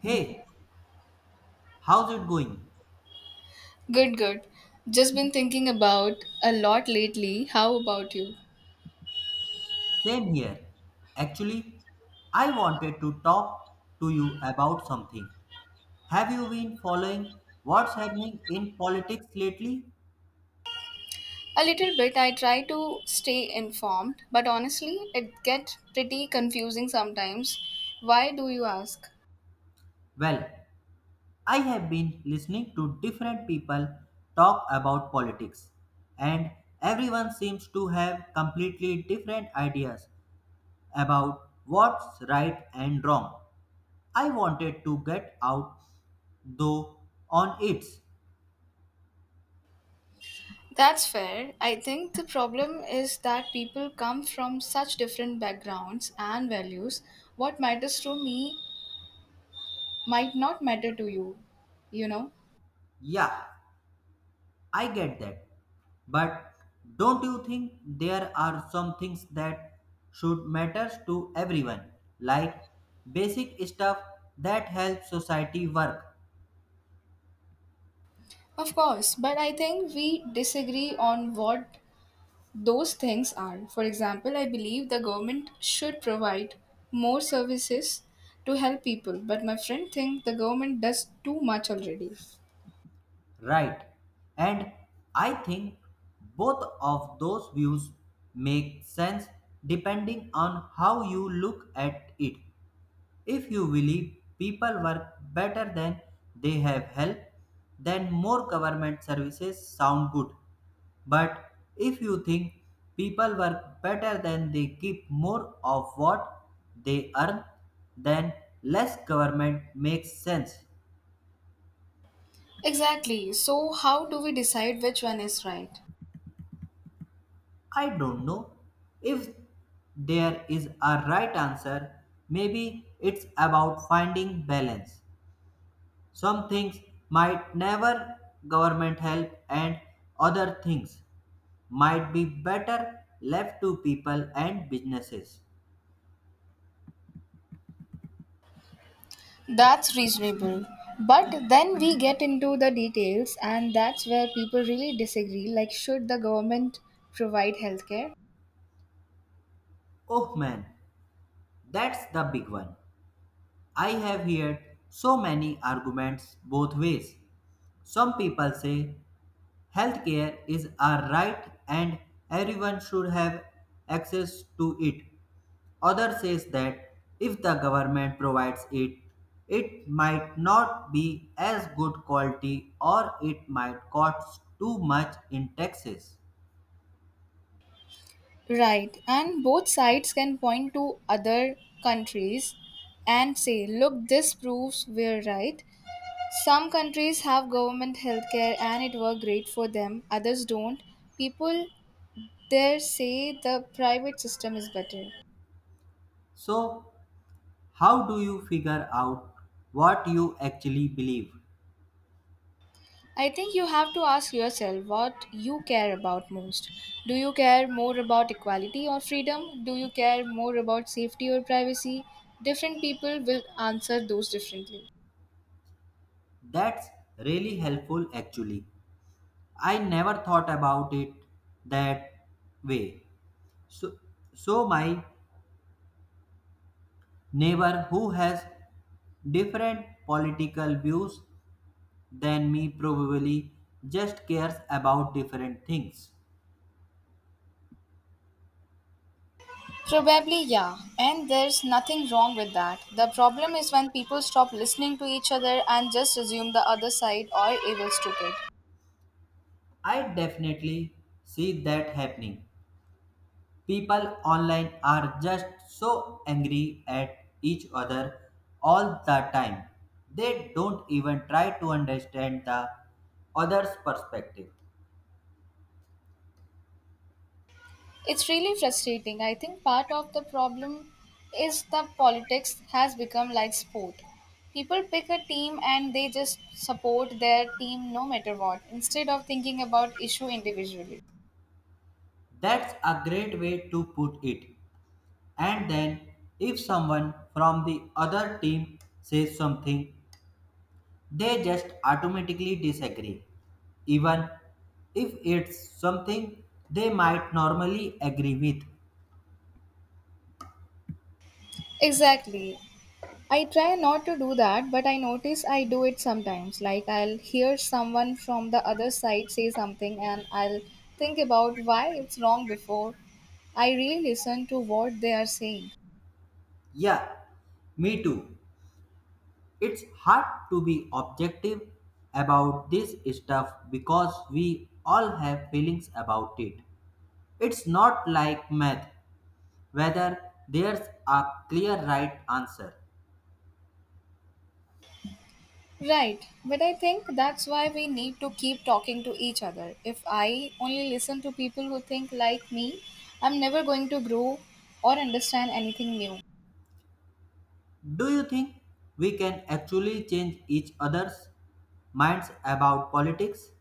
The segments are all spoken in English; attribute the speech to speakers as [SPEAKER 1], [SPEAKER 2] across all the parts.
[SPEAKER 1] Hey, how's it going?
[SPEAKER 2] Good, good. Just been thinking about a lot lately. How about you?
[SPEAKER 1] Same here. Actually, I wanted to talk to you about something. Have you been following what's happening in politics lately?
[SPEAKER 2] A little bit. I try to stay informed, but honestly, it gets pretty confusing sometimes. Why do you ask?
[SPEAKER 1] Well, I have been listening to different people talk about politics, and everyone seems to have completely different ideas about what's right and wrong. I wanted to get out though on it.
[SPEAKER 2] That's fair. I think the problem is that people come from such different backgrounds and values. What matters to me might not matter to you, you know?
[SPEAKER 1] Yeah, I get that. But don't you think there are some things that should matter to everyone, like basic stuff that helps society work,
[SPEAKER 2] Of course, but I think we disagree on what those things are. For example, I believe the government should provide more services to help people, but my friend thinks the government does too much already.
[SPEAKER 1] right? And I think both of those views make sense depending on how you look at it. If you believe people work better than they have help, then more government services sound good. But if you think people work better than they keep more of what they earn, then less government makes sense.
[SPEAKER 2] Exactly. So how do we decide which one is right?
[SPEAKER 1] I don't know if there is a right answer. Maybe it's about finding balance. Some things might never government help and other things might be better left to people and businesses.
[SPEAKER 2] That's reasonable. But then we get into the details, and that's where people really disagree. Like, should the government provide healthcare?
[SPEAKER 1] Oh man, that's the big one. I have heard so many arguments both ways. Some people say healthcare is a right and everyone should have access to it. Others says that if the government provides it, it might not be as good quality or it might cost too much in taxes.
[SPEAKER 2] Right. And both sides can point to other countries and say, look, this proves we're right. Some countries have government healthcare and it works great for them, others don't. People there say the private system is better.
[SPEAKER 1] So, how do you figure out what you actually believe?
[SPEAKER 2] I think you have to ask yourself what you care about most. Do you care more about equality or freedom? Do you care more about safety or privacy? Different people will answer those differently.
[SPEAKER 1] That's really helpful actually. I never thought about it that way. So, so my neighbor who has different political views than me probably just cares about different things.
[SPEAKER 2] Probably, yeah. And there's nothing wrong with that. The problem is when people stop listening to each other and just assume the other side are evil stupid.
[SPEAKER 1] I definitely see that happening. People online are just so angry at each other all the time. They don't even try to understand the other's perspective.
[SPEAKER 2] It's really frustrating. I think part of the problem is the politics has become like sport. People pick a team and they just support their team no matter what, instead of thinking about issue individually.
[SPEAKER 1] That's a great way to put it. And then, if someone from the other team says something, they just automatically disagree, even if it's something they might normally agree with.
[SPEAKER 2] Exactly. I try not to do that, but I notice I do it sometimes. Like, I'll hear someone from the other side say something and I'll think about why it's wrong before I really listen to what they are saying.
[SPEAKER 1] Yeah, me too. It's hard to be objective about this stuff because we all have feelings about it. It's not like math, whether there's a clear right answer.
[SPEAKER 2] Right, but I think that's why we need to keep talking to each other. If I only listen to people who think like me, I'm never going to grow or understand anything new.
[SPEAKER 1] Do you think we can actually change each other's minds about politics?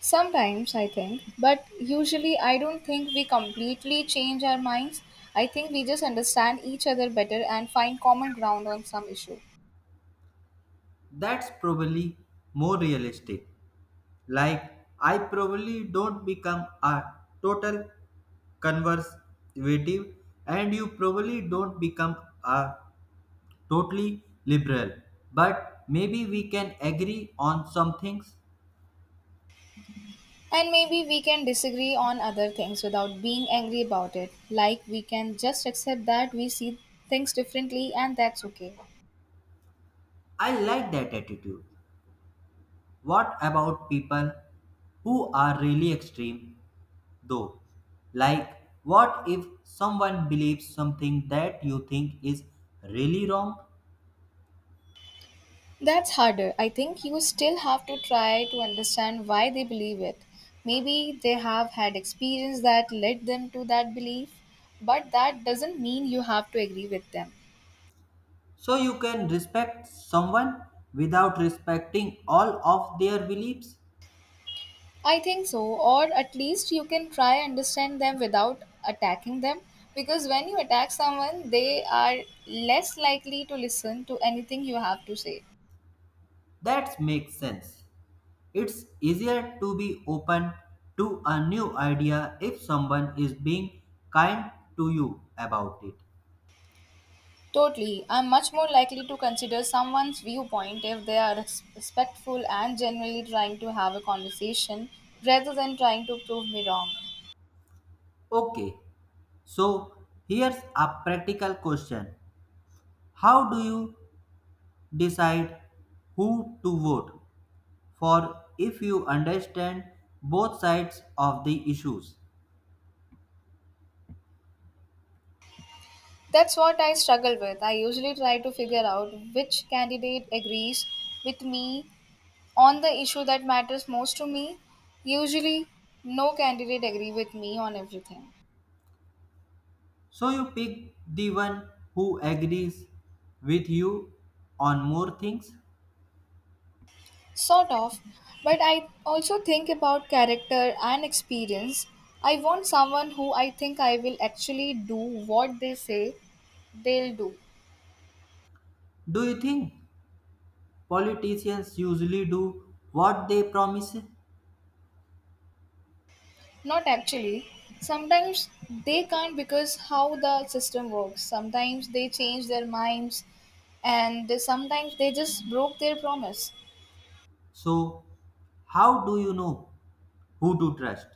[SPEAKER 2] Sometimes I think, but usually I don't think we completely change our minds. I think we just understand each other better and find common ground on some issue.
[SPEAKER 1] That's probably more realistic. Like, I probably don't become a total conservative, and you probably don't become a totally liberal but maybe we can agree on some things.
[SPEAKER 2] And maybe we can disagree on other things without being angry about it. Like, we can just accept that we see things differently and that's okay.
[SPEAKER 1] I like that attitude. What about people who are really extreme though, like what if someone believes something that you think is really wrong?
[SPEAKER 2] That's harder. I think you still have to try to understand why they believe it. Maybe they have had experience that led them to that belief, but that doesn't mean you have to agree with them.
[SPEAKER 1] So you can respect someone without respecting all of their beliefs?
[SPEAKER 2] I think so, or at least you can try understand them without attacking them, because when you attack someone, they are less likely to listen to anything you have to say.
[SPEAKER 1] That makes sense. It's easier to be open to a new idea if someone is being kind to you about it.
[SPEAKER 2] Totally. I'm much more likely to consider someone's viewpoint if they are respectful and genuinely trying to have a conversation rather than trying to prove me wrong.
[SPEAKER 1] Okay, so here's a practical question. How do you decide who to vote for if you understand both sides of the issues?
[SPEAKER 2] That's what I struggle with. I usually try to figure out which candidate agrees with me on the issue that matters most to me. Usually, no candidate agree with me on everything.
[SPEAKER 1] So you pick the one who agrees with you on more things.
[SPEAKER 2] Sort of, but I also think about character and experience. I want someone who I think I will actually do what they say they'll do.
[SPEAKER 1] Do you think politicians usually do what they promise?
[SPEAKER 2] Not actually. Sometimes they can't because how the system works. Sometimes they change their minds, and sometimes they just broke their promise.
[SPEAKER 1] So how do you know who to trust?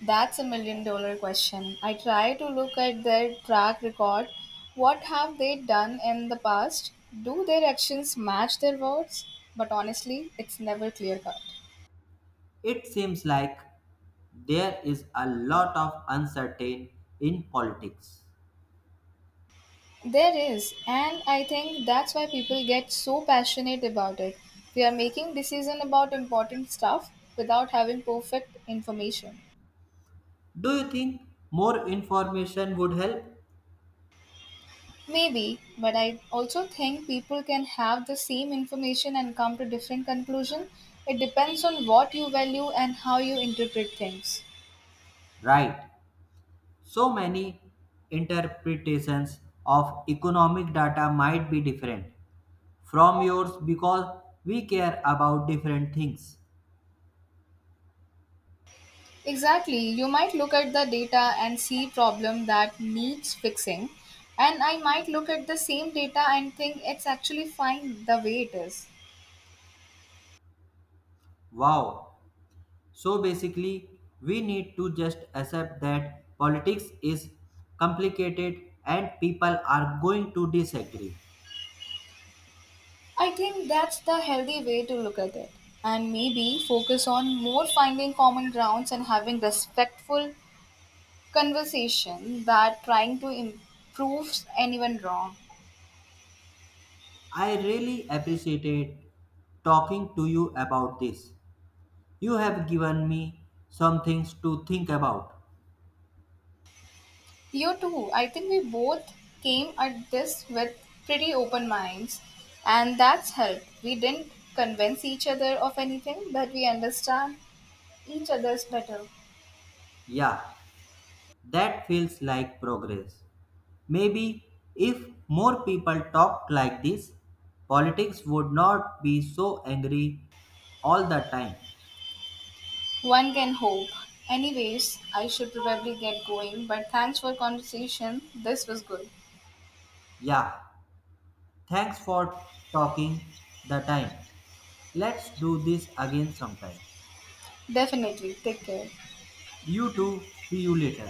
[SPEAKER 2] That's a million dollar question. I try to look at their track record. What have they done in the past? Do their actions match their words? But honestly, it's never clear cut.
[SPEAKER 1] It seems like there is a lot of uncertain in politics.
[SPEAKER 2] There is, and I think that's why people get so passionate about it. They are making decisions about important stuff without having perfect information.
[SPEAKER 1] Do you think more information would help?
[SPEAKER 2] Maybe, but I also think people can have the same information and come to different conclusions. It depends on what you value and how you interpret things.
[SPEAKER 1] Right. So many interpretations of economic data might be different from yours because we care about different things.
[SPEAKER 2] Exactly, you might look at the data and see problem that needs fixing, and I might look at the same data and think it's actually fine the way it is.
[SPEAKER 1] Wow. So basically, we need to just accept that politics is complicated and people are going to disagree.
[SPEAKER 2] I think that's the healthy way to look at it. And maybe focus on more finding common grounds and having respectful conversation that trying to improve anyone wrong.
[SPEAKER 1] I really appreciated talking to you about this. You have given me some things to think about.
[SPEAKER 2] You too. I think we both came at this with pretty open minds, and that's helped. We didn't convince each other of anything, but we understand each other's better.
[SPEAKER 1] Yeah, that feels like progress. Maybe if more people talked like this, politics would not be so angry all the time.
[SPEAKER 2] One can hope. Anyways, I should probably get going, but thanks for conversation. This was good.
[SPEAKER 1] Yeah, thanks for talking the time. Let's do this again sometime.
[SPEAKER 2] Definitely. Take care.
[SPEAKER 1] You too. See you later.